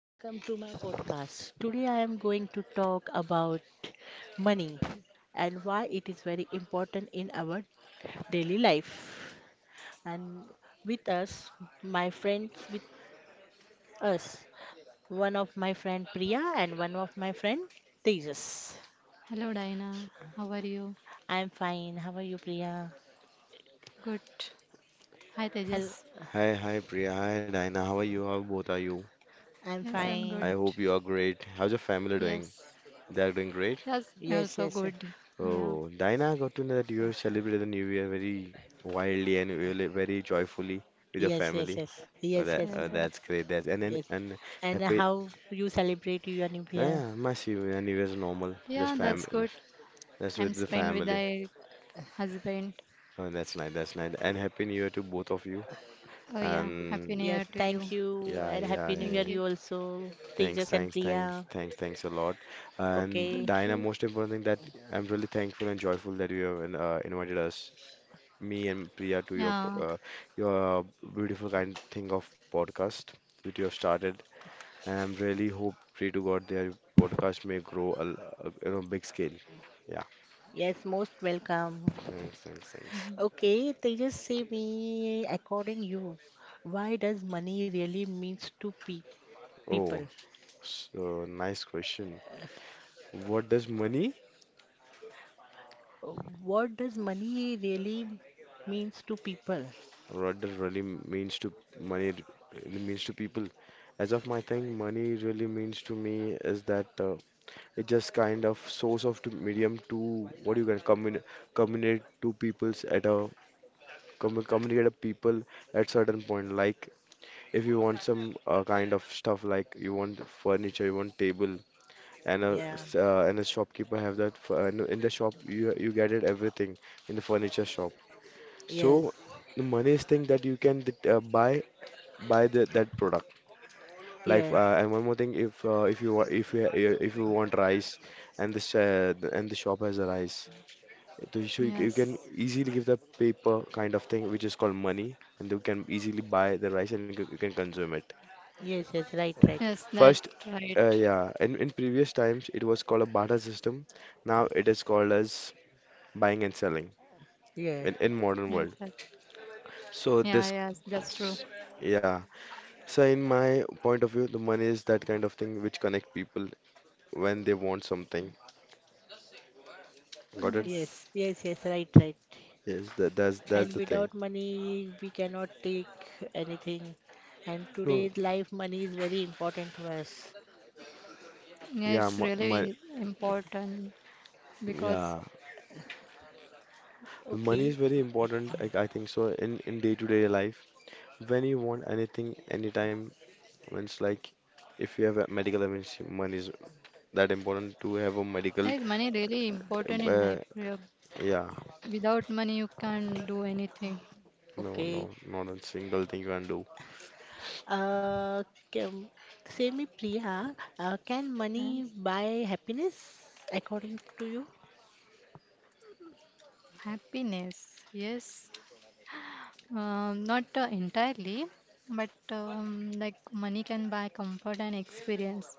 Welcome to my podcast. Today I am going to talk about money and why it is very important in our daily life. And with us, my friends with us, one of my friend Priya and one of my friend Tejas. Hello, Diana. How are you? I am fine. How are you, Priya? Good. Hi, Hello. Tejas. Hi Priya, hi Dina. How are you? How both are you? I am Yes, I, I'm good. I fine. hope you are great. How's your family doing? Yes. They are doing great. That's Yes, also yes. good. Yeah. Oh, Dina, got to know that you have celebrated the New Year very wildly and really very joyfully with your Yes, yes, family. yes. Oh, Yes, that yes. oh, Yes, Yes. yes. that's great. That's and then Yes. and And happy. how you celebrate your new year? Yeah, my New Year is normal. Just Yeah, Uh, that's family. good. That's I'm with the spent with family. my husband. Oh, that's nice. That's nice. And happy New Year to both of you. Oh, yeah. Happy And New Yes, Year to thank you. you, yeah, and yeah, Happy New Year yeah. Thank you. you also, Thanks, Tejas and thanks, thanks, Priya. thanks, thanks a lot. And Okay, Thank Diana, you. most important thing that I'm really thankful and joyful that you have invited us, me and Priya, to Yeah. your your beautiful kind thing of podcast which you have started. And I'm really hope, pray to God, their podcast may grow a big scale. Yeah, yes, most welcome. thanks, thanks, thanks. Mhm. Okay, Tejas, say me, according you, why does money really means to pe Oh, people? so nice question. What does money? Uh, What does money really means to people? What that really means to money really means to people. As of my thing, money really means to me is that it's just kind of source of to medium to what you can communicate to peoples at a communicate to people at certain point. Like if you want some kind of stuff, like you want furniture, you want table, and a Yeah, s- uh, and a shopkeeper have that f- no, in the shop you get it everything in the furniture shop yes, so the money's thing that you can buy that product. Yes, And one more thing, if you wa- if you want rice and the sh- and the shop has a rice, so you Yes. can easily give the paper kind of thing which is called money, and you can easily buy the rice and you can consume it. yes, yes, right, right. Yes, that First, right. yeah, in previous times it was called a barter system. Now it is called as buying and selling Yes, in modern Yes, world. yes. So Yeah, this, yes, that's true. s- yeah. So in my point of view, the money is that kind of thing which connect people when they want something. Got it? Yes. yes, yes, yes, right, right. Yes, that, that's And the thing. without money we cannot take anything. And No, today's life money is very important to us. Yeah, yeah, it's mo mo really important, because yeah, money is Okay. very important. I think so in day-to-day life. When you want anything, anytime, when it's like if you have a medical emergency, money is that important to have a medical. is money really important in Uh, life? Yeah, yeah, without money, you can't do anything. no, Okay. no, not a single thing you can do. uh can, Say me, Priya, can money Yes. buy happiness according to you? Happiness, yes. Not entirely, but like money can buy comfort and experience.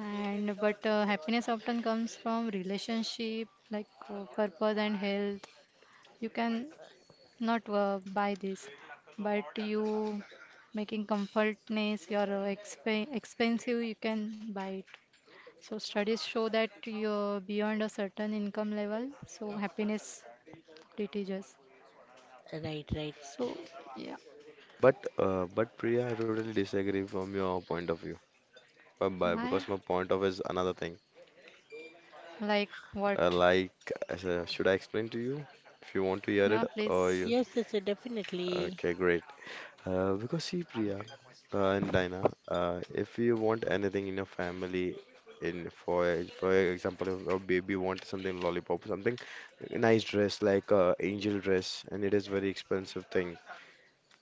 And but happiness often comes from relationship, like purpose and health. You can not buy this, but you making comfortness, your expensive, you can buy it. So studies show that you're beyond a certain income level, so happiness depletes. Us. Right, right. So yeah, But Priya, I totally disagree from your point of view. But because why? my point of is another thing. Like what? Like, should I explain to you if you want to hear Yeah, it or please. you? Yes, yes, yes, definitely. Okay, great. Because see, Priya and Dina, if you want anything in your family, in for example, if a baby wants something lollipop, something nice dress like angel dress, and it is very expensive thing.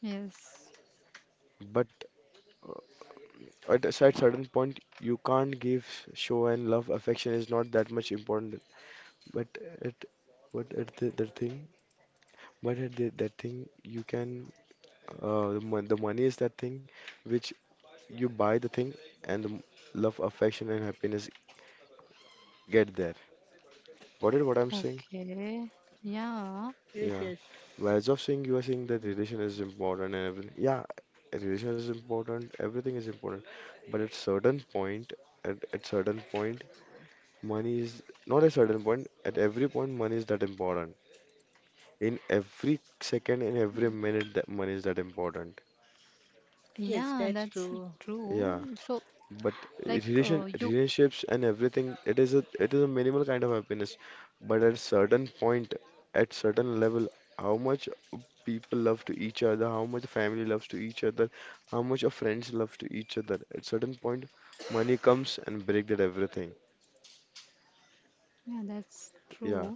Yes. But at a certain point, you can't give show and love. Affection is not that much important. But at but at that thing, you can the money is that thing which you buy the thing and the love, affection, and happiness get there. What is what I'm saying? Okay. Yeah. Yes, Yeah. yes, Whereas of saying you are saying that relation is important and everything. Yeah, a relation is important. Everything is important. But at certain point, at certain point, money is not a certain point. At every point, money is that important. In every second, in every minute that money is that important. yes, Yeah, that's that's true. Yeah, true. So but like you. relationships and everything, it is a minimal kind of happiness. But at certain point, at certain level, how much people love to each other, how much family loves to each other, how much of friends love to each other, at certain point, money comes and break that everything. Yeah, that's true. Yeah,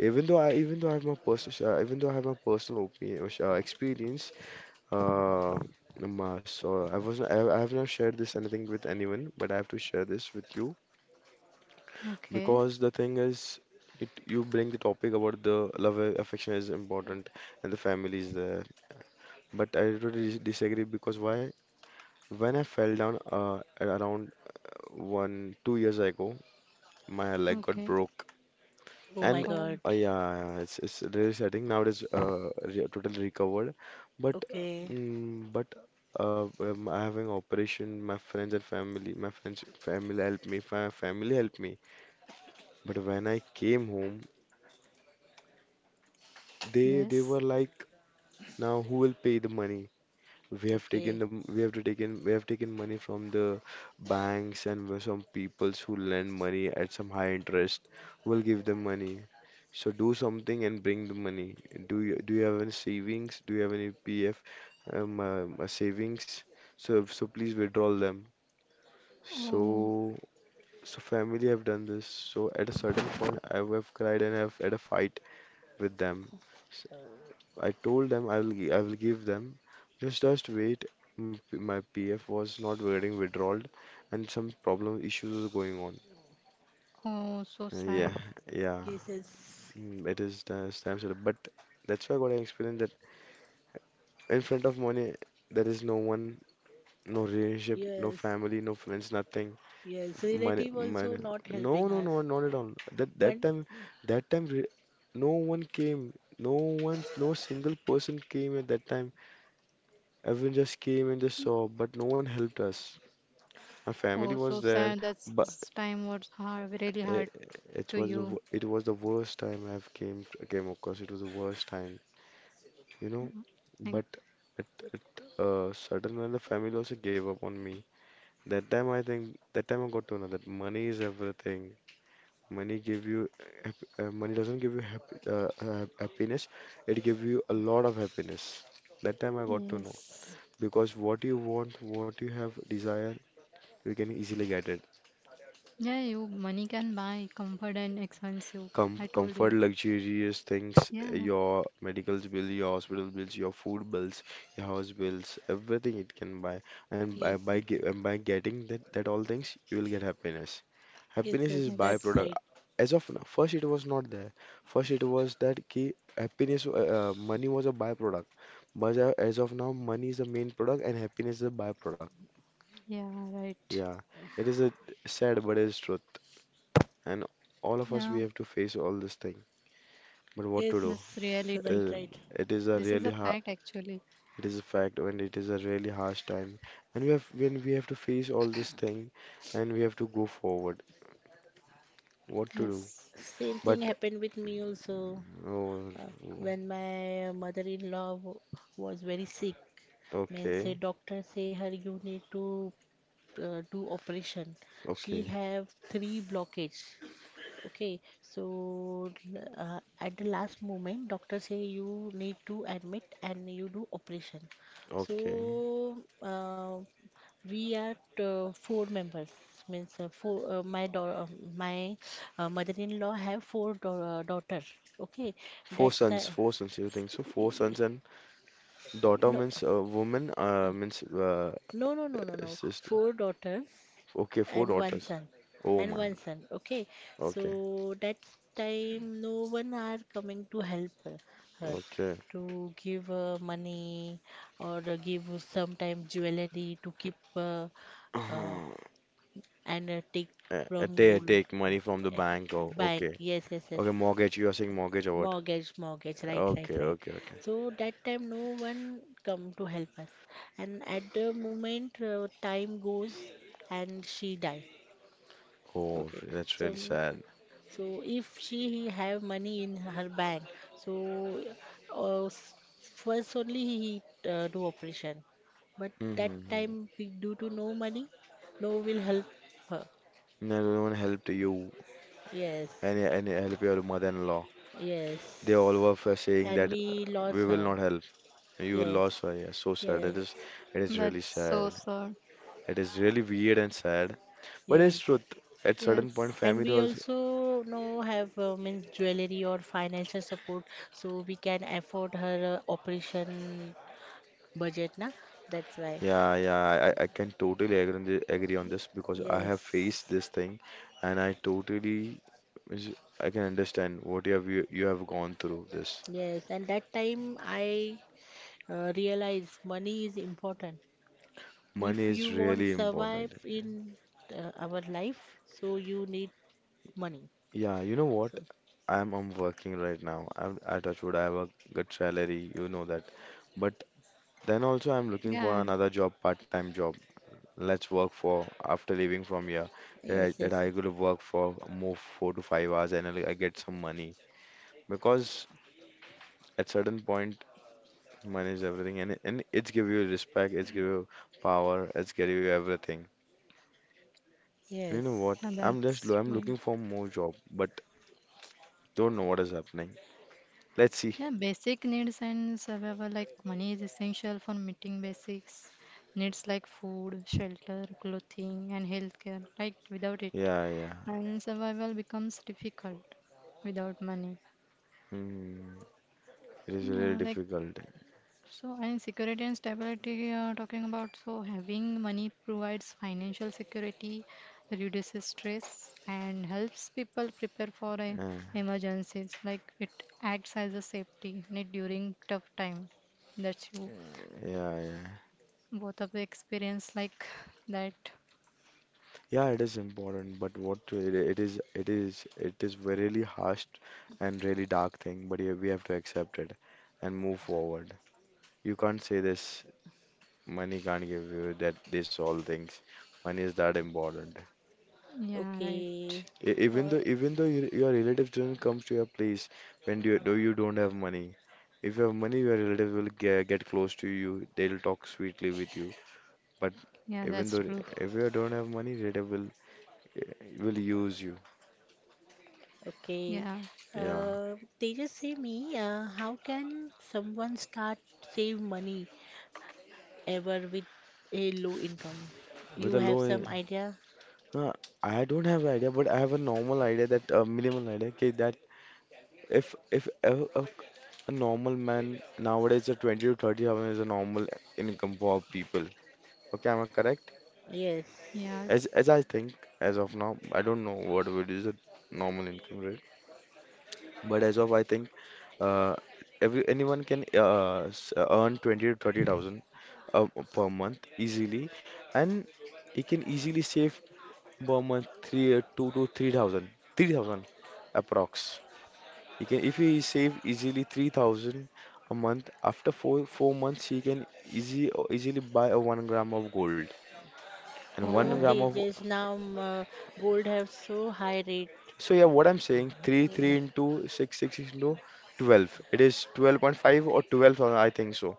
even though I have my personal even though I have my personal opinion, experience. Uh, Namma, so I have not shared this anything with anyone, but I have to share this with you Okay. because the thing is, it you bring the topic about the love and affection is important and the family is there, but I totally disagree because why? When I fell down around one two years ago, my leg got Okay. broke. Oh my And Oh God. Yeah, yeah, it's really setting nowadays. Re Totally recovered, but Okay. mm, but I having operation. My friends and family, my friends family help me. My family help me. But when I came home, they yes. were like, now who will pay the money? Okay. We have taken money from the banks and with some peoples who lend money at some high interest. We'll give them money. So do something and bring the money. Do you have any savings? Do you have any PF savings? So please withdraw them. Oh. So so family have done this. So at a certain point, I would have cried and have had a fight with them. I told them I will give them. Just wait. My PF was not getting withdrawal, and some problem issues was going on. Oh, so Yeah, sad. yeah. Yes, yes, It is the stamp seller, but that's why I got an experience that in front of money there is no one, no relationship, no yes. family, no friends, nothing. Yes, Money, relative also money. not No, helping no, us. no, not at all. That One. time, that time, re- no one came. No one, no single person came at that time. Everyone just came and just saw, but no one helped us. My family Oh, was so there, sad. but That's time was hard, really hard it, to it was you. The worst time I've came across. It was the worst time, you know. Like, But at at certain when the family also gave up on me. That time I got to know that money is everything. Money give you Money doesn't give you happiness. It give you a lot of happiness. That time I got to know yes. because what you want, what you have desire, you can easily get it. Yeah, you money can buy comfort and expensive. I told Comfort you. luxurious things, Yeah. Your medical bill, your hospital bills, your food bills, your house bills, everything it can buy. And Yes, yes, by getting that all things, you will get happiness. yes, Happiness is yes, that's Yes. byproduct. right. As of now, first it was not there. First it was that ki happiness, money was a byproduct. But as of now, money is the main product and happiness is a byproduct. Yeah, right. Yeah, it is a sad, but it is truth. And all of us, we Yeah, have to face all this thing. But what Yes, to do? that's reality. right, Uh, right. it is a This is a really hard, fact actually. it is a fact, and it is a really harsh time. And we have when we have to face all this thing, and we have to go forward. What to do? Yes. Same But thing happened with me also, Oh, uh, when my mother-in-law was very sick. Means say okay, doctor say her you need to do operation. She okay, have three blockage. Okay, so at the last moment, doctor say you need to admit and you do operation. okay. So we are four members. Means four. My mother-in-law have four daughter. Okay, Four that's sons, four sons. You think so? Four sons and daughter no, means woman. Means no, no, no, no, no. sister. Four daughters. Okay, four And one daughters. son. Oh And my. one son. Okay, so Okay, that time no one are coming to help her okay. to give her money or give sometime jewelry to keep, uh, and take from gold Take money from the bank. Oh, bank. okay. Yes, yes, yes, Okay, mortgage. You are saying mortgage or what? mortgage, mortgage, right, right, Okay, right. okay, okay. So that time no one come to help us, and at the moment time goes and she die. Oh, Okay, that's so really sad. so if she have money in her bank, so uh, s- first only he do operation. But that Mm-hmm. time we due to no money, no will help her. No, no no one helped you. Yes, Any help your mother-in-law. They all yes. were for saying And that we we lost will her. not help. You will Yes, lose her. Yeah, so sad. It yes, is, it is really That's sad. so sad. It is really weird and sad. But it's yes. truth. At Yes. certain point, And family we also. also no have means jewelry or financial support, so we can afford her operation budget, na? That's why. Yeah, yeah. I can totally agree on this, because I have faced Yes. this thing, and is- I can understand what you have you have gone through this. Yes, and that time I realized money is important. Money If is you want really survive important. in our life, so you need money. Yeah, you know what? So I'm working right now. I'm at Touchwood. I have a good salary. You know that. But then also I'm looking Yeah, for another job, part-time job. Let's work for after leaving from here. That I, yes, that yes, I could work for more 4 to 5 hours and I get some money. Because at certain point, money is everything, and it's give you respect. It's give you power. It's give you everything. And you know yes. what? yeah, I'm just that's I'm looking true. for more job, but don't know what is happening. Let's see. Yeah, basic needs and survival like money is essential for meeting basics needs like food, shelter, clothing, and healthcare. Right, without it, Yeah, yeah. and survival becomes difficult without money. Mm, it is really Like difficult. so, and security and stability, talking about so having money provides financial security, reduces stress, and helps people prepare for Uh, emergencies. Like it acts as a safety net during tough time. That's you. yeah, yeah. Both of the experience like that. Yeah, it is important, but what it is, it is, it is really harsh and really dark thing. But yeah, we have to accept it and move forward. You can't say this. Money can't give you that. This all things. Money is that important. Yeah, right. Okay, E- Even uh, though, even though your relatives don't come to your place when you don't have money. If you have money, your relatives will get close to you. They'll talk sweetly with you. But Yeah, even that's though true. if you don't have money, relative will use you. okay. Yeah. Yeah, They just say me. How can someone start save money ever with a low income? with You a have low. In- some idea? Uh, I don't have idea, but I have a normal idea, that a minimal idea, okay, that if if a, a normal man nowadays, a twenty to thirty thousand is a normal income for people. Okay, am I correct? Yes. As Yes. as I think, as of now, I don't know what would is a normal income rate, but as of I think, uh, every anyone can earn twenty to thirty thousand uh, per month easily, and he can easily save per month three two to three thousand, 3,000 approx. He can if he save easily 3,000 a month, after four months he can easy easily buy a 1 gram of gold and one No, Oh, gram of. Tejas, now gold have so high rate. So yeah, what I'm saying, three Yeah, three into six into 12, it is 12.5 or 12,000, I think so.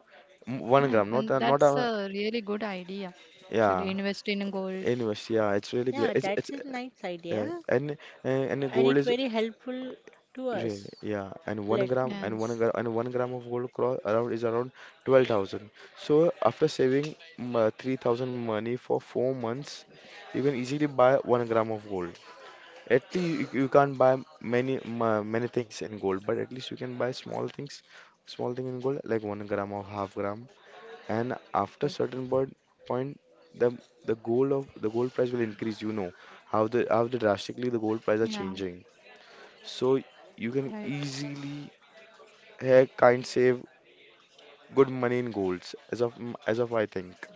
One gram not and a, not that's a, a really good idea. yeah, Actually, invest in gold. anyways, yeah, it's really great, yeah, it's that's a nice yeah, idea, and and the and gold it is very helpful to real, us. yeah, and one Let gram and one Yes. gram and one gram of gold cross around is around 12,000. So after saving 3,000 money for 4 months, you can easily buy 1 gram of gold. At least you can't buy many many things in gold, but at least you can buy small things, small thing in gold like 1 gram of half gram. And after Yes, certain point, the the gold price will increase. You know how the drastically the gold Yeah. price are changing. So you Right. can easily kind save good money in golds, as of I think.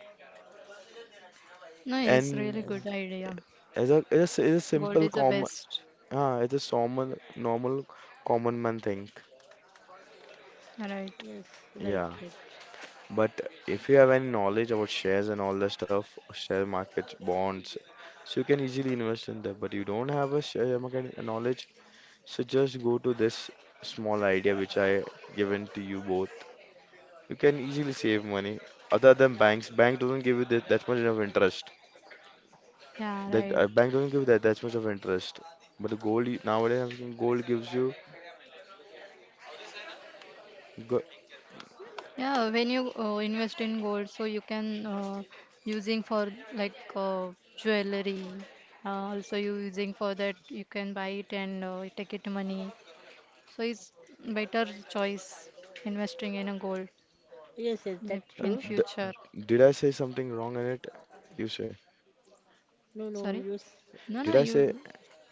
No, it's really yes, good And idea. as a Gold simple is the common, best. As a common normal common man thing. Right. yes, right, Yeah. right. But if you have any knowledge about shares and all the stuff, share markets, bonds, so you can easily invest in that. But you don't have a share market knowledge, so just go to this small idea which I given to you both. You can easily save money. Other than banks, bank doesn't give you that much of interest. Yeah, That right. Bank doesn't give you that much of interest. But the gold nowadays, I think, gold gives you. Go, Yeah, when you invest in gold, so you can using for like jewelry. Also, you using for that you can buy it and take it money. So it's better choice investing in a gold Yes, yes, like that's in true. the, future. did I say something wrong in it? You say. No, no, Sorry. you, s- No, Did no, I say? you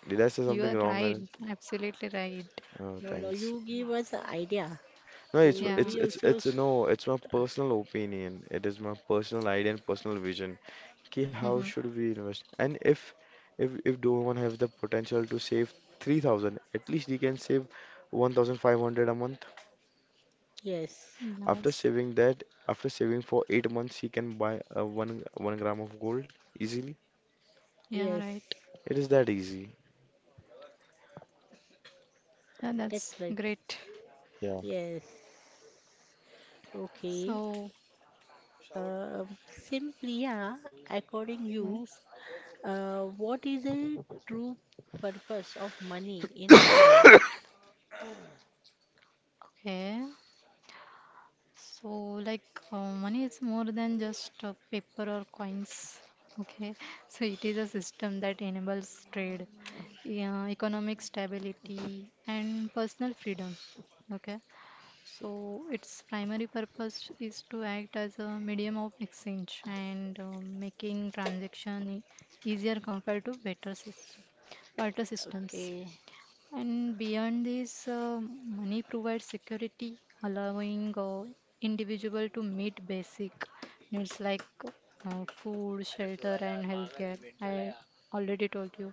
Did I say you something are wrong in right. it? Absolutely right. Oh, no, no, thanks. you give us an idea, No, so it's Yeah. it's it's it's no. It's my personal opinion. It is my personal idea and personal vision. Ki, how Mm-hmm. should we invest? And if no one has the potential to save 3,000, at least he can save 1,500 a month. yes, After Yes. saving that, after saving for 8 months, he can buy one gram of gold easily. Yeah, yes, right. It is that easy. Yeah, that's that's right. great. Yeah, Yes, okay. So, Simply, yeah, according you. yes. What is the true purpose of money in our life? Okay. So, like, money is more than just paper or coins. Okay. So, it is a system that enables trade, yeah, economic stability, and personal freedom. Okay. So, its primary purpose is to act as a medium of exchange and making transaction easier compared to better system barter systems. Okay, And beyond this, money provides security, allowing individual to meet basic needs like food, shelter, and healthcare. I already told you,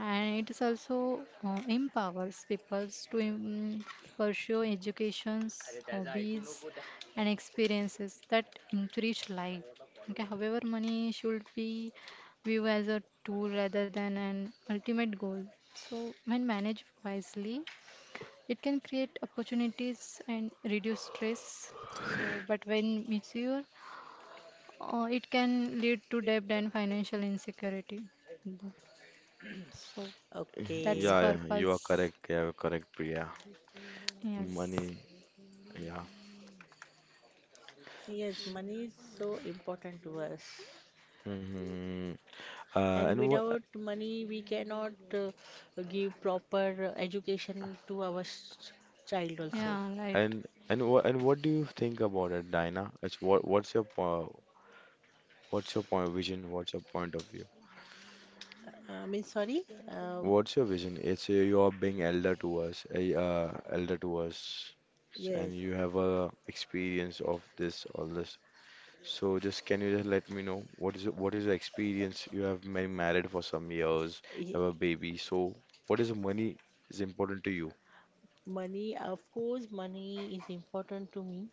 and it is also empowers people to pursue educations, hobbies, and experiences that enrich life. Okay, however, money should be view as a tool rather than an ultimate goal. So, when managed wisely, it can create opportunities and reduce stress. So, but when misused, it can lead to debt and financial insecurity. Mhm. So, that's okay. yeah, yeah, you are purpose. correct. Yeah, you're correct, Priya. Yes. Money, yeah. Yes, money is so important to us. hmm Uh, And and what without money, we cannot give proper education to our child also. Yeah, right. and and what do you think about it, Dinah? It's what what's your po what's your point of vision? What's your point of view? I mean, sorry. Uh, What's your vision? It's You are being elder to us, a elder to us, yes. and you have a experience of this, all this. So just, can you just let me know what is it, what is the experience? You have been married for some years, have a baby. So what is the money is important to you? Money, of course, money is important to me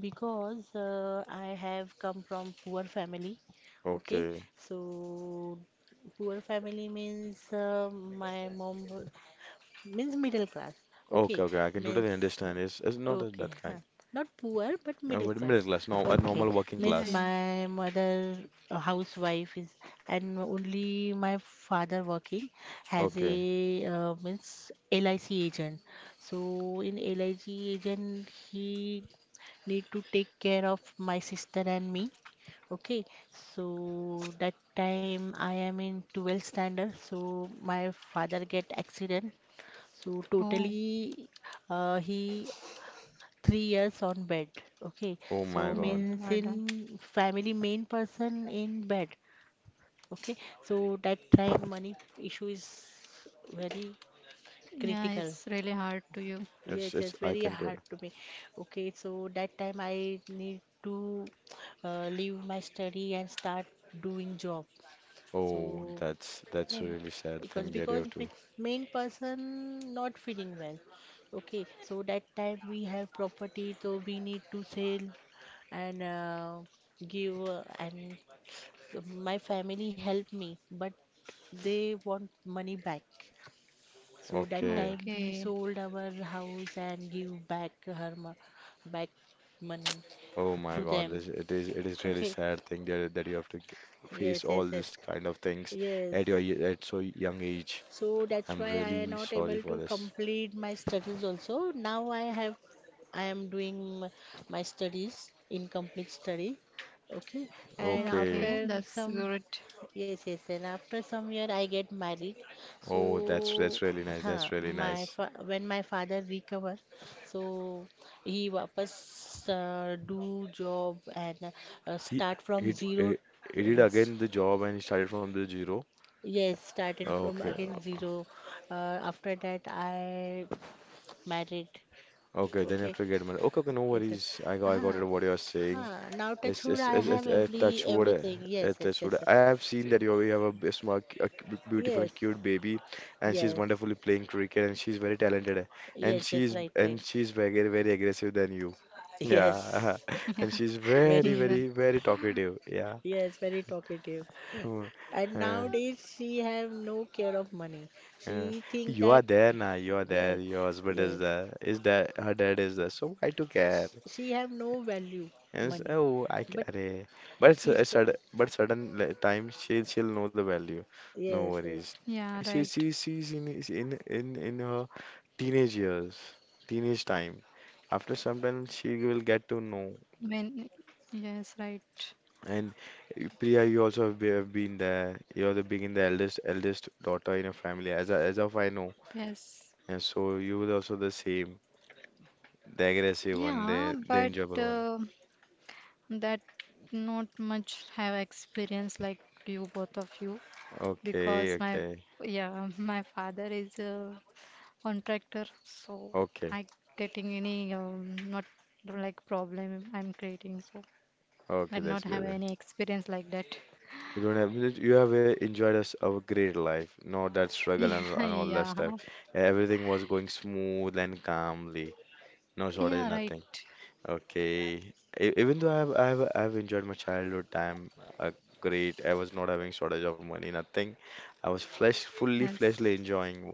because I have come from poor family. Okay, Okay, so poor family means, means middle class. Okay, okay, okay. I can means totally understand. It's not a- okay, that huh. kind. Not poor, but middle But class. middle class, no, a Okay, normal working Yeah, miss yeah. class. my mother a housewife is, and only my father working as a Okay. Means LIC agent. So in LIC agent, he need to take care of my sister and me. Okay, so that time I am in 12th standard, so my father get accident. So Oh, totally, he 3 years on bed. Okay, Oh so my oh God. means my in God. family main person in bed. Okay, so that time money issue is very Yeah, it's critical. really hard to you. Yes, it's It's I very can hard totally. to me. Okay, so that time I need to leave my study and start doing job. So Oh, that's Yeah. a really sad because thing that you because have to. ma- main person not feeling well. Okay, so that time we have property, so we need to sell and give and my family helped me, but they want money back. So that Okay. time we Okay. sold our house and give back her back money Oh to my God, them. this it is really Okay, sad thing that you have to yes, face yes, all yes, this kind of things yes. at your at so young age. So that's why I'm I am really not able sorry to for this. complete my studies also. Now I have, I am doing my studies, incomplete study. Okay, and after Okay, Okay. that's some good. yes, yes, and after some year I get married. Oh, that's So, that's really nice. huh, That's really my nice. fa when my father recover, so he wapas do job and He start from he, d- zero. eh, he did uh, s- again the job and he started from the zero. Yes, started from Okay. again zero. Uh, After that I married. Okay. Then you have Okay, to get money. Okay. Okay. No yes, sir. worries. I got Ah, it. What you are saying. huh. Now Yes, touch wood, yes, I yes, yes, have yes, touch wood. Everything. Yes, Yes, yes, touch wood. yes, sir. I have seen that you have a small, beautiful Yes, and cute baby, and she's yes, wonderfully playing cricket, and she's very talented, and yes, yes. she's Right, right. and she's very very aggressive than you. Yeah, Yes, and she's very very, Hmm, very that- very talkative. Yeah, yes, very talkative. Hmm, And uh, nowadays she have no care of money. uh, She think you are that, there now. You are there. yes, Your husband is yes, there. Is that her dad is there? So I took care. she have no value Yes, money. oh, I But get it. But she's the- certain time she'll know the value. No yes, worries. yes, Yeah, right. She she's in is in her teenage years, teenage time. After some time, she will get to know. When, yes, right. And Priya, you also have been there. You're the Being the eldest daughter in your family, as of I know. Yes. And so you were also the same, the aggressive one, the Yeah, the but enjoyable one. uh, that not much have experience like you, both of you, Okay, because my, okay, yeah, my father is a contractor, so okay, I getting any not like problem I'm creating, so I okay. That's not have good. any experience like that. You don't have it- You have enjoyed us a great life, not that struggle and, Yeah, and all that yeah, stuff. Yeah, everything was going smooth and calmly, no shortage, yeah, right. nothing. Okay, even though I have enjoyed my childhood time a great. I was not having shortage of money, nothing. I was flesh fully Yes. fleshly enjoying,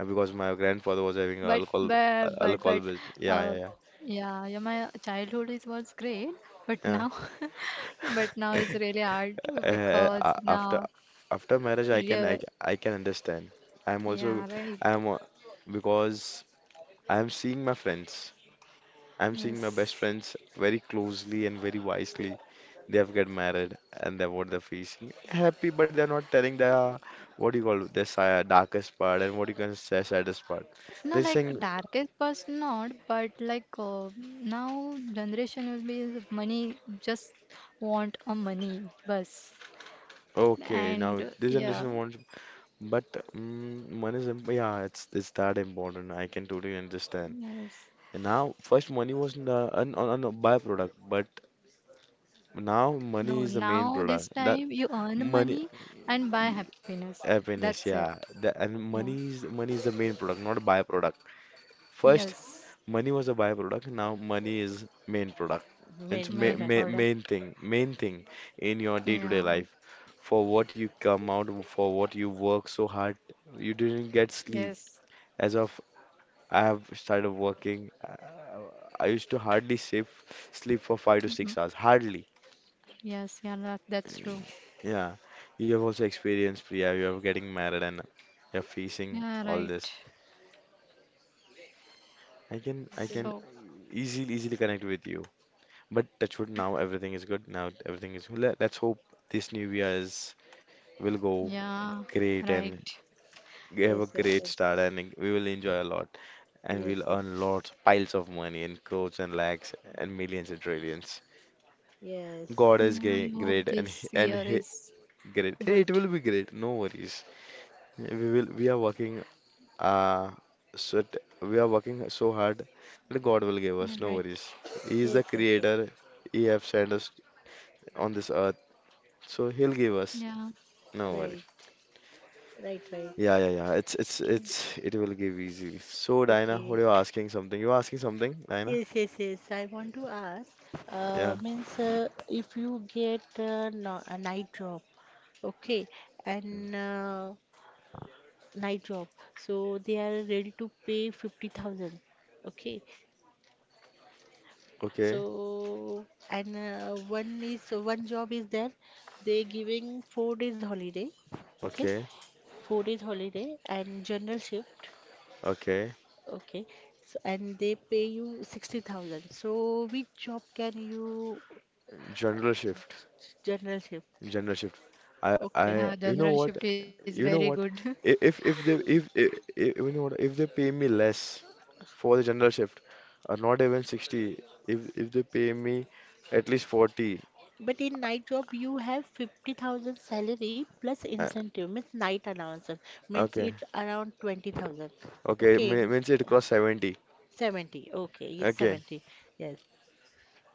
because my grandfather was having But alcohol, but but alcohol but business. Yeah, uh, yeah, yeah, yeah, yeah, my childhood is was great, but now but now yeah. it's really hard Uh, because a- after now after marriage, I can I, yeah, I can understand. I'm also. yeah, right. I'm because I'm seeing my friends. I'm seeing my Yes. best friends very closely and very wisely. They have get married and they're what they're facing. Happy, but they're not telling the, what do you call it, the darkest part, and what you can say, saddest part. No, They're like saying, darkest past not, but like now generation will be is money just want a money bus okay, now and this yeah, generation wants, but money is yeah, it's that important. I can totally understand. yes. And now, first, money was an byproduct, but now money No, is the main now this product. That time you earn money, money and buy y- happiness. happiness, That's it. yeah. And Yeah. money is the main product, not a byproduct. First, Yes. money was a byproduct. Now, money is main product. main It's ma Main product. ma product. Main thing in your Yeah. day-to-day life. For what you come out, for what you work so hard, you didn't get sleep. Yes. As of I have started working. I used to hardly sleep for five to Mhm. six hours. Hardly. Yes. Yeah. That, that's true. Yeah. You have also experienced, Priya. You are getting married and you're facing Yeah. all Right. this. I can, I Okay. can So. easily, easily connect with you. But touch wood, now everything is good. Now let's hope this new year is will go Yeah. great, and Right. we have a Yes, yes, great yes, start, and we will enjoy a lot, and we'll yes, yes, earn lots, piles of money in crores and lakhs and millions and trillions. yes, God is Yeah, I hope great, and he, this and year he, is great, and good. it will be great. No worries. We are working uh so hard that God will give Yeah. us. No Right. worries. He is yes, the yes, yes. creator. He have sent us on this earth, so He'll give us. Yeah. No worry. Right, right, right. Yeah, yeah, yeah. It's it's Okay. it's it will give easily. So Dinah, Okay. what are you asking something? You asking something, Dinah? Yes, yes, yes. I want to ask, Yeah. means if you get, no, a night job, okay, and night job, so they are ready to pay 50,000, okay. Okay. So, and one job is there, they giving 4 days holiday, okay, Okay. 4 days holiday and general shift, Okay. okay. So, and they pay you 60,000. So, which job can you, General shift. general shift? General shift. I Okay. I Yeah. you know General what? shift is very You know good. what? I- if they if you know what? If they pay me less for the general shift, or not even 60, if they pay me at least 40, But in night job, you have 50,000 salary plus uh, incentive, means night allowances, means okay, it's around 20,000. okay, Okay, means it cross 70. 70. Okay, it's Okay, 70. Yes.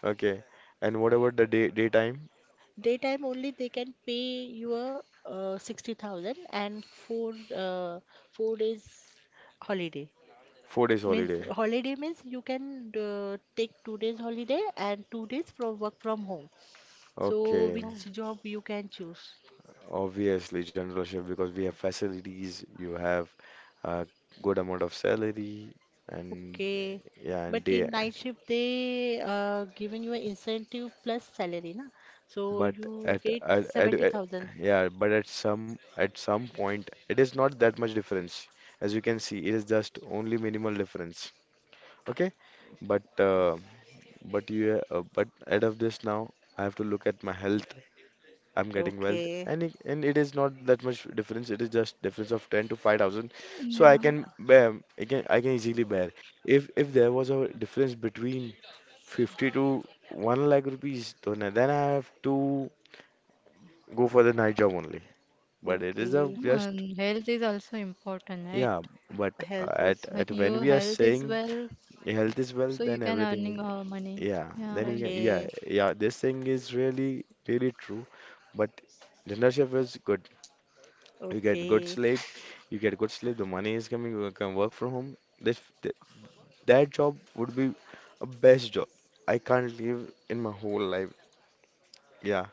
okay. And what about the daytime? Daytime only they can pay your 60,000, four uh, 4 days holiday. 4 days Means holiday. holiday means you can take 2 days holiday and 2 days from work from home. So Okay, Oh. which job you can choose? obviously general shift because we have facilities, you have a good amount of salary, and Okay. yeah, and But day in night shift, they given you an incentive plus salary, na? So But you get at 70,000. yeah, but at some point, it is not that much difference. As you can see, it is just only minimal difference. Okay, but uh, but out of this now, I have to look at my health. I'm getting wealth, Okay. and it is not that much difference. It is just difference of 10 to 5,000, so Yeah. I can bear. I can easily bear. If there was a difference between 50 to 1 lakh rupees, then I have to go for the night job only. But it is a Okay. No, just and health is also important, right? yeah. But Health also When at important. when your we are health is saying well, health is so wealth, you then can everything is earning money. yeah. Yeah, Then we right. can yeah Okay. yeah. This thing is really really true. But general is good. You get good Okay. sleep. You get good sleep. The money is coming. You can work from home. This th That job would be a best job. I can't live in my whole life. Yeah.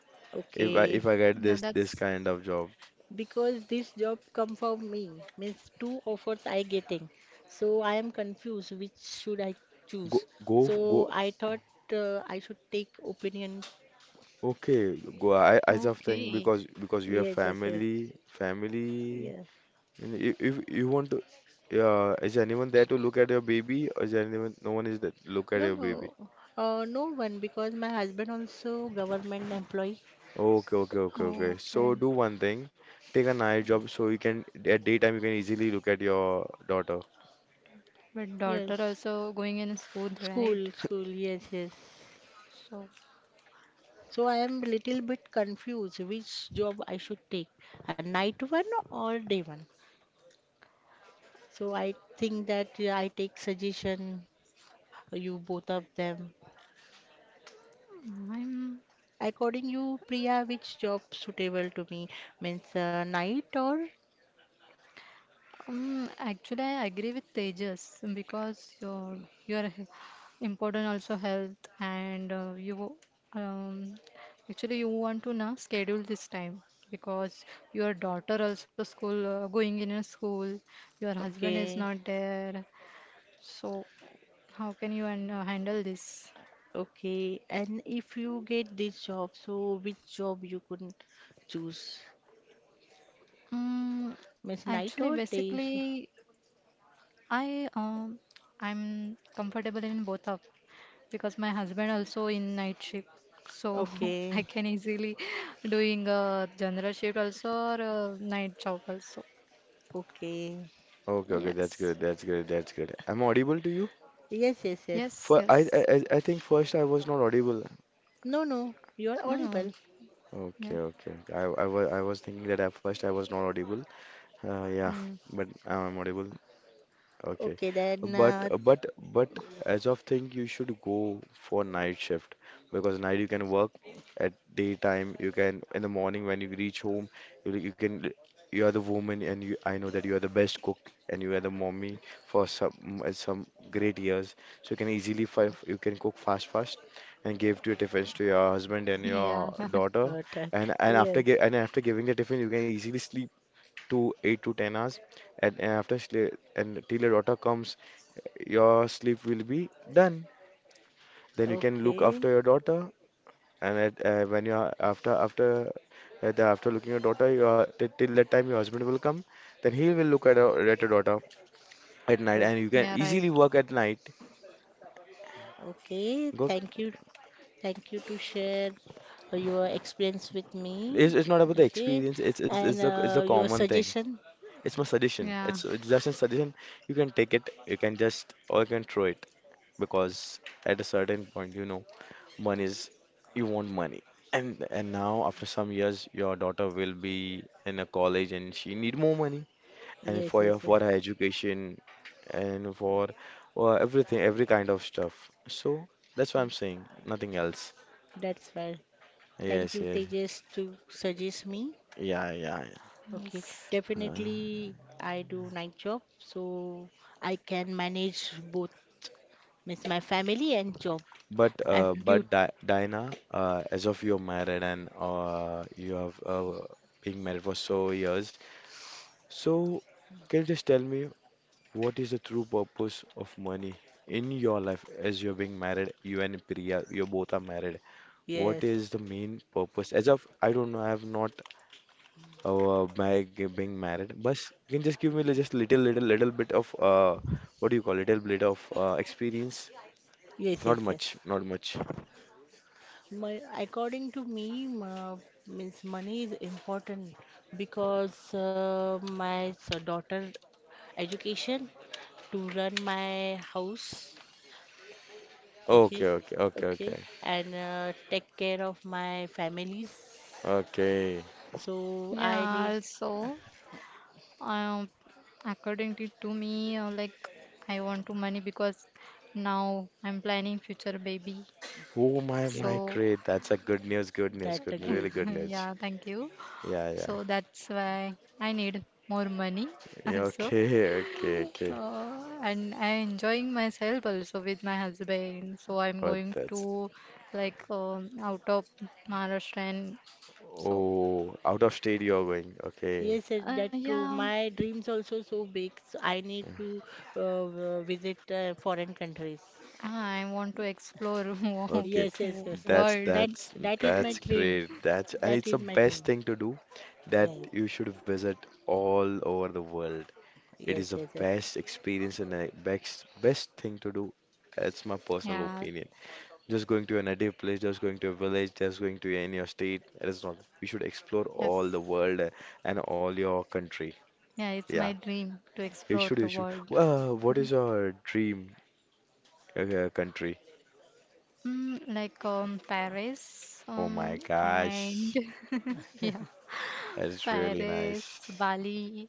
If I Okay. if I get Yeah, this that's kind of job, Because this job come from me, means two offers I getting. So I am confused which should I go choose. go f- go So I thought I should take opinion. okay, go. I just think okay. because you have Yes, yes, family. yes. And if you want to, yeah, is anyone there to look at your baby? Or is anyone? No one is there to look at No, your baby. no, no one, because my husband also government employee. Okay, okay, okay, okay. Oh, So okay. do one thing. Take a night job so you can at daytime you can easily look at your daughter. But daughter Yes, also going in school, school, right? school. Yes, yes. So So I am little bit confused which job I should take, a night one or day one. So I think that I take suggestion you both of them. I'm. According you, Priya, which job suitable to me, means night or Actually, I agree with Tejas because your important also health and you um, actually you want to now schedule this time because your daughter also school going in a school, your husband is okay, not there, so how can you and handle this? okay. And if you get this job, so which job you could choose? Mm, Miss, actually, night or day? Basically, I um, I'm comfortable in both of because my husband also in night shift so I Okay, can easily doing a general shift also or a night job also. okay. Okay, okay, that's Yes. great, that's great, that's great. I'm audible to you? Yes, yes, yes. Yes. For I, I, Yes. I I think first I was not audible. No, no, you are No. No. audible. Okay, Yeah. okay, okay. I was thinking that at first I was not audible. Uh, yeah, Mm. but I'm audible. Okay, Okay, then. but but but as of thing, you should go for night shift because night you can work at daytime. You can in the morning when you reach home, you can you are the woman and you I know that you are the best cook and you are the mommy for some great years. So you can easily fi you can cook fast fast and give to your tiffins to your husband and Yeah. your daughter uh, and th- and after yes. gi- and after giving the tiffin you can easily sleep to 8 to 10 hours and, and after sli- and till your daughter comes your sleep will be done then you can look Okay. after your daughter and at, when you are after after the, after looking your daughter you are, till till that time your husband will come then he will look at your daughter at night Oh, and you can Yeah, right. easily work at night. okay. Go Thank you. Thank you to share your experience with It's, me. it's not about the Okay, experience it's it's, and it's the your common thing. suggestion. It's my suggestion. Yeah. It's just a suggestion. You can take it you can just or you can throw it, because at a certain point you know. One is you want money. And now after some years your daughter will be in a college and she need more money and for Yes, your yes, yes. for her education and for everything every kind of stuff. So that's what I'm saying, nothing else. That's right. Thank Yes, you, yes. Tejas, to suggest me. Yeah, yeah, yeah. Okay, Yes. Uh, definitely I do night job, so I can manage both, means my family and job and but duty. Di Diana, as of you're married and you have been married for so years, so can you just tell me, what is the true purpose of money in your life as you're being married? You and Priya, you both are married. What Yes, is the main purpose? As of I don't know, I have not being married. But you can just give me just little, little, little bit of what do you call little bit of experience? yes, Not yes, yes. much, not much. My, according to me, means money is important because my daughter education, to run my house. Okay, Okay, okay, okay, okay, okay, and take care of my families. okay. So I Yeah need. also um according to me, like I want to money because now I'm planning future baby Oh my, so my, Okay. great. That's a good news, good news, That good, really confused me. good news. yeah, thank you. Yeah, yeah. So that's why I need more money Yeah, also. okay, okay, okay. Uh, and I enjoying myself also with my husband. So I'm But going that's to like out of Maharashtra and so oh, out of state you're going. Okay. Yes, yes, that's true. yeah, My dreams also so big. So I need to visit foreign countries. I want to explore more Okay. Yes, yes, to yes, yes. That's world. that's That is my that's dream. great. That's and That it's the is my best dream. thing to do, that you Yes, should visit all over the world. It yes, is the yes, yes. best experience and the best best thing to do. That's my personal Yeah, opinion. Just going to a native place, just going to a village, just going to any your state. It is not. You should explore yes, all the world and all your country. yeah, it's Yeah. my dream to You explore should. the You should. world. What is your dream country? Mm, like Paris, Oh my and gosh, yeah, that's really Paris, nice. Bali,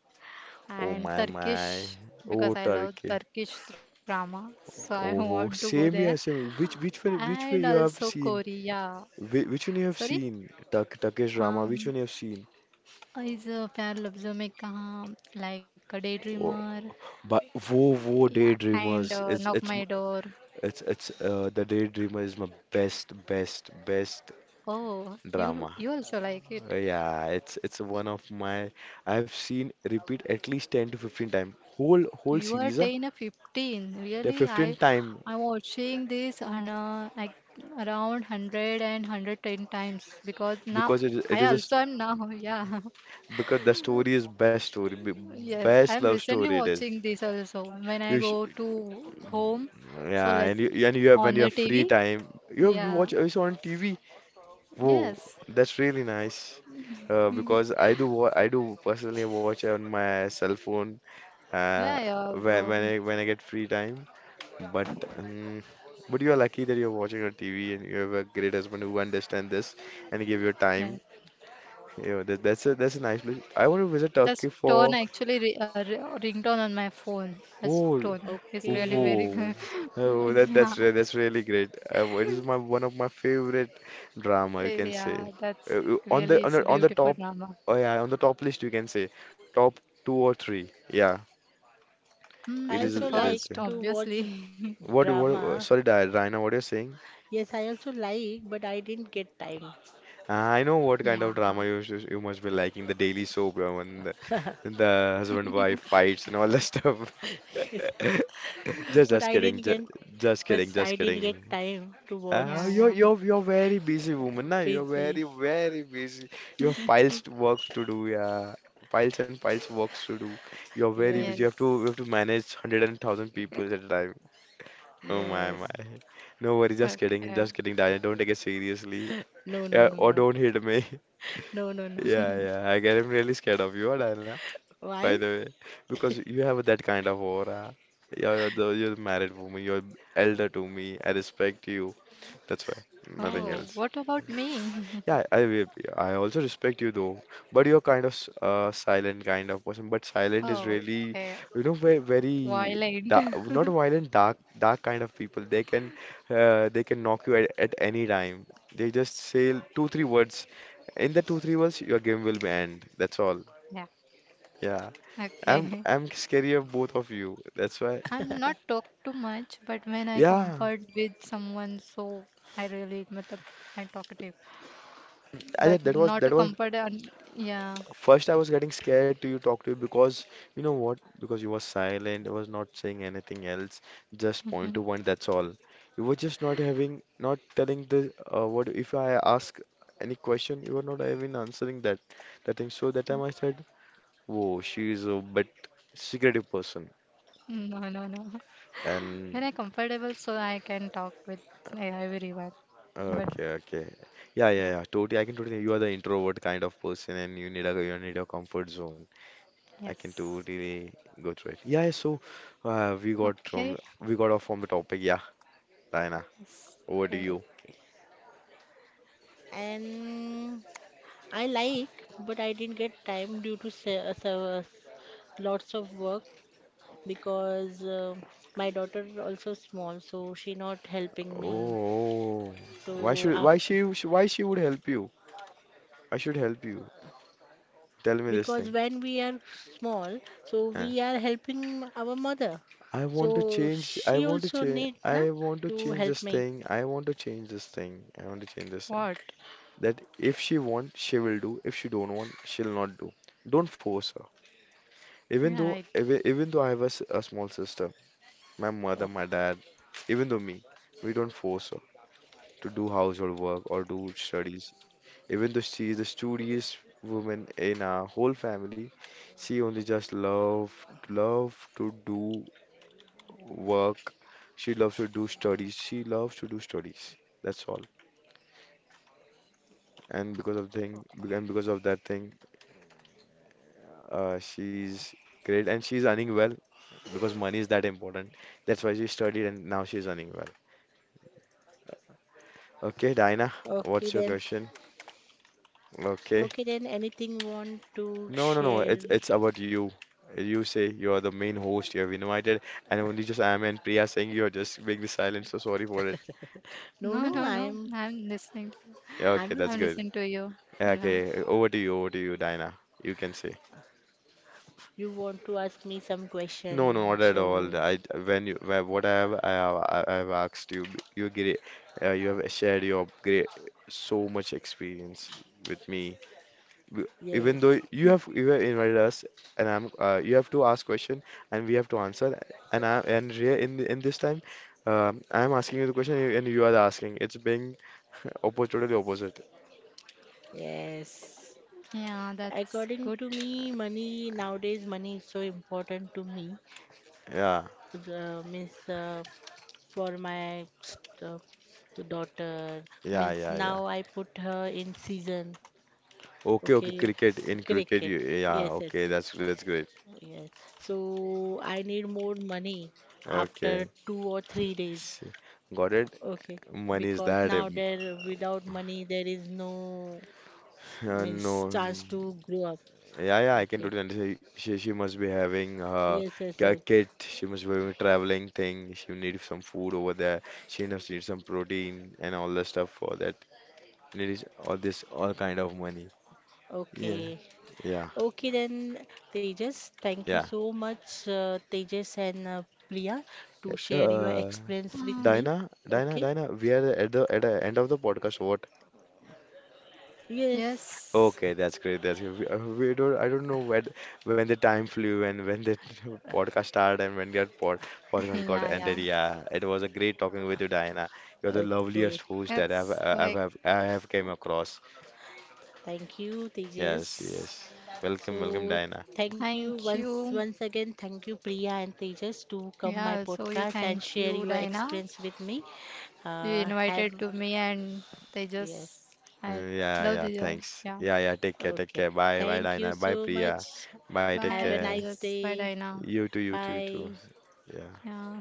Oh and my my. Turkish because Oh I love Turkey. Turkish drama, so I want to Oh, go there. same here, same. Which which one And which way you also have seen? Korea. Which one you have Sorry? seen? Turkish drama. Which Um, one you have seen? is Pyar Labzo Mein Kaha, like a Oh, Daydreamer. but wo wo Yeah, and Daydreamers. Knock My Door. It's the Daydreamer is my best best best Oh, you drama. you also like it. Yeah, it's one of my, I've seen repeat at least 10 to 15 time. Whole whole You are series, 10 or 15. the Really, 15 I time I'm watching this on like around hundred and hundred ten times because now because it I is a also st am now. Yeah. because the story is best story, Yes, best I'm love recently story it is. watching this also when I You sh go to home. So Yeah, let and you have when on you the have free TV. time you have, you Yeah. watch also on TV. Whoa, Yes. that's really nice. Uh, because I do personally watch on my cell phone uh, Yeah, yeah. when when I when I get free time. But um, but you are lucky that you're watching on TV and you have a great husband who understand this and give your time. Yes. Yeah, that's a nice place. I want to visit Turkey That's tone for actually ringtone on my phone. That's oh. tone. It's really very Okay. good. Whoa. Oh, Yeah. That's really great. It is my one of my favorite drama, you can say. Yeah, that's On really it's a the beautiful top, drama. oh yeah, on the top list, you can say, top two or three. Yeah, Mm, I it is it's a also it is like first, there. to watch obviously. What what? Uh, drama. sorry, Raina, what you're saying? Yes, I also like, but I didn't get time. I know what kind Yeah, of drama you must be liking. The daily soap, when the husband-wife fights and all that stuff. But just I kidding, didn't get, just but kidding, I just didn't get kidding. time to watch. you're yeah, you're you're very busy woman, na? You're Busy. very very busy. You have yeah. piles to work to do, yeah. Piles and piles works to do. You're very busy. Yes. Yes, You have to manage hundred and thousand people at a time. Oh my yes. my. No worry, Okay. just kidding, Diana. Don't take it seriously. No, no, Yeah, no, or no. don't hit me. No, no, no. Yeah, yeah. I get I'm really scared of you, Diana. By Why? the way, because you have that kind of aura. Yeah, you're the married woman. You're elder to me. I respect you. That's why. Nothing Oh, Thank else. what you. about me? Yeah, I also respect you though, but you're kind of silent kind of person. But silent is Oh, really, okay. you know, very very Violent. dark, not violent, dark dark kind of people. They can knock you at any time. They just say two three words. In the two three words, your game will be end. That's all. Yeah. Yeah, Okay. I'm scary of both of you. That's why. I'm not talk too much, but when I Yeah, comfort with someone, so I really, matlab, I'm talkative. But that was not a that was, comfort, yeah. first, I was getting scared to you talk to you because you know what? Because you were silent, you was not saying anything else, just point to one, that's all. You were just not having, not telling the what if I ask any question, you were not even answering that that thing. So that time I said, "Whoa, she is a bit secretive person." No, no, no. When I'm And comfortable, so I can talk with everyone. But okay, okay, yeah, yeah, yeah, yeah, totally. I can totally. You are the introvert kind of person, and you need a comfort zone. I can yes. totally go through it. Yeah, so we got Okay. from we got off from the topic. Yeah, Diana, Yes. over to Okay. you. Okay. And I like, but I didn't get time due to lots of work, because my daughter also small, so she not helping me. Oh, why So should why after, she sh- why she would help you? Why should help you? Tell me this because thing. when we are small, so Huh. we are helping our mother. I want to So change. I she want to also change. need, na, I want to to change help this me. thing. I want to change this thing. I want to change this thing. What? That if she want, she will do. If she don't want, she'll not do. Don't force her. Yeah, right. Even though I have a small sister. My mother, Oh, my dad, even though me, we don't force her to do household work or do studies. Even though she is the studious woman in our whole family, she only just love love to do work. She loves to do studies. She loves to do studies. That's all. And because of that thing, she's great and she's earning well, because money is that important. That's why she studied and now she's earning well. Okay, Dinah, okay what's your then. question? Okay. Okay then. Anything want to No, no, no. share? It's about you. You say you are the main host. You have invited, and only just I am and Priya saying you are just being the silent. So sorry for it. No, No, no, no, no. I'm listening. To, Yeah, okay, I'm a, that's I'm good. listening to you. Yeah, Yeah. okay, over to you, Dinah. You can say. you want to ask me some No, no, question, not at all. so I when what I have I have, I have asked you, you agree, you have shared your great so much experience with me. w- yes, Even though you have invited us and I'm you have to ask question and we have to answer and I and here in in this time I'm asking you the question and you are asking it's being opposite totally opposite. yes. Yeah, that's According good. to me, money nowadays money is so important to me. Yeah Means for my uh, the daughter, yeah means yeah. Yeah now I put her in season. okay okay. Okay, Cricket, in cricket cricket. you, yeah, Yes, yes, okay, that's great. yes. So I need more money Okay. after 2 or 3 days. See, got it. Okay, Money is because that now there without money there is no means no. chance to grow up. Yeah, yeah, I can Okay. totally understand. She must be having Yes, yes, a yes. kid. She must be having a traveling thing. She need some food over there. She must need some protein and all the stuff for that. Needs all this all kind of money. Yeah, Okay. yeah, Okay then, Tejas, thank you yeah. so much, Tejas and Priya, to share your Uh, experience with Um, me. Dinah, Dinah, Okay. Dinah. We are at the end of the podcast. What? Yes. yes. Okay, that's great. That's great. We don't. I don't know when the time flew and when the podcast started and when your podcast got Yeah, yeah. ended. Yeah, it was a great talking with you, Diana. You're the Okay. loveliest host that I've It's like I have came across. Thank you, Yes, Tejas. yes. So Welcome, welcome, Diana. thank you thank once you. once again. Thank you, Priya and Tejas, to come my Yeah, also you podcast and thank share you, your Dina. experience with me. You Have invited to me and Yes, Tejas. I Yeah, love yeah. the job. Thanks. Yeah. Yeah, yeah. Take care, take okay. care. Bye, bye, Thank you Diana. Bye, so Priya. much. Bye. Take Bye Have a care. nice Tejas. Bye day. Dina. You too, too. Bye. Yeah. Yeah.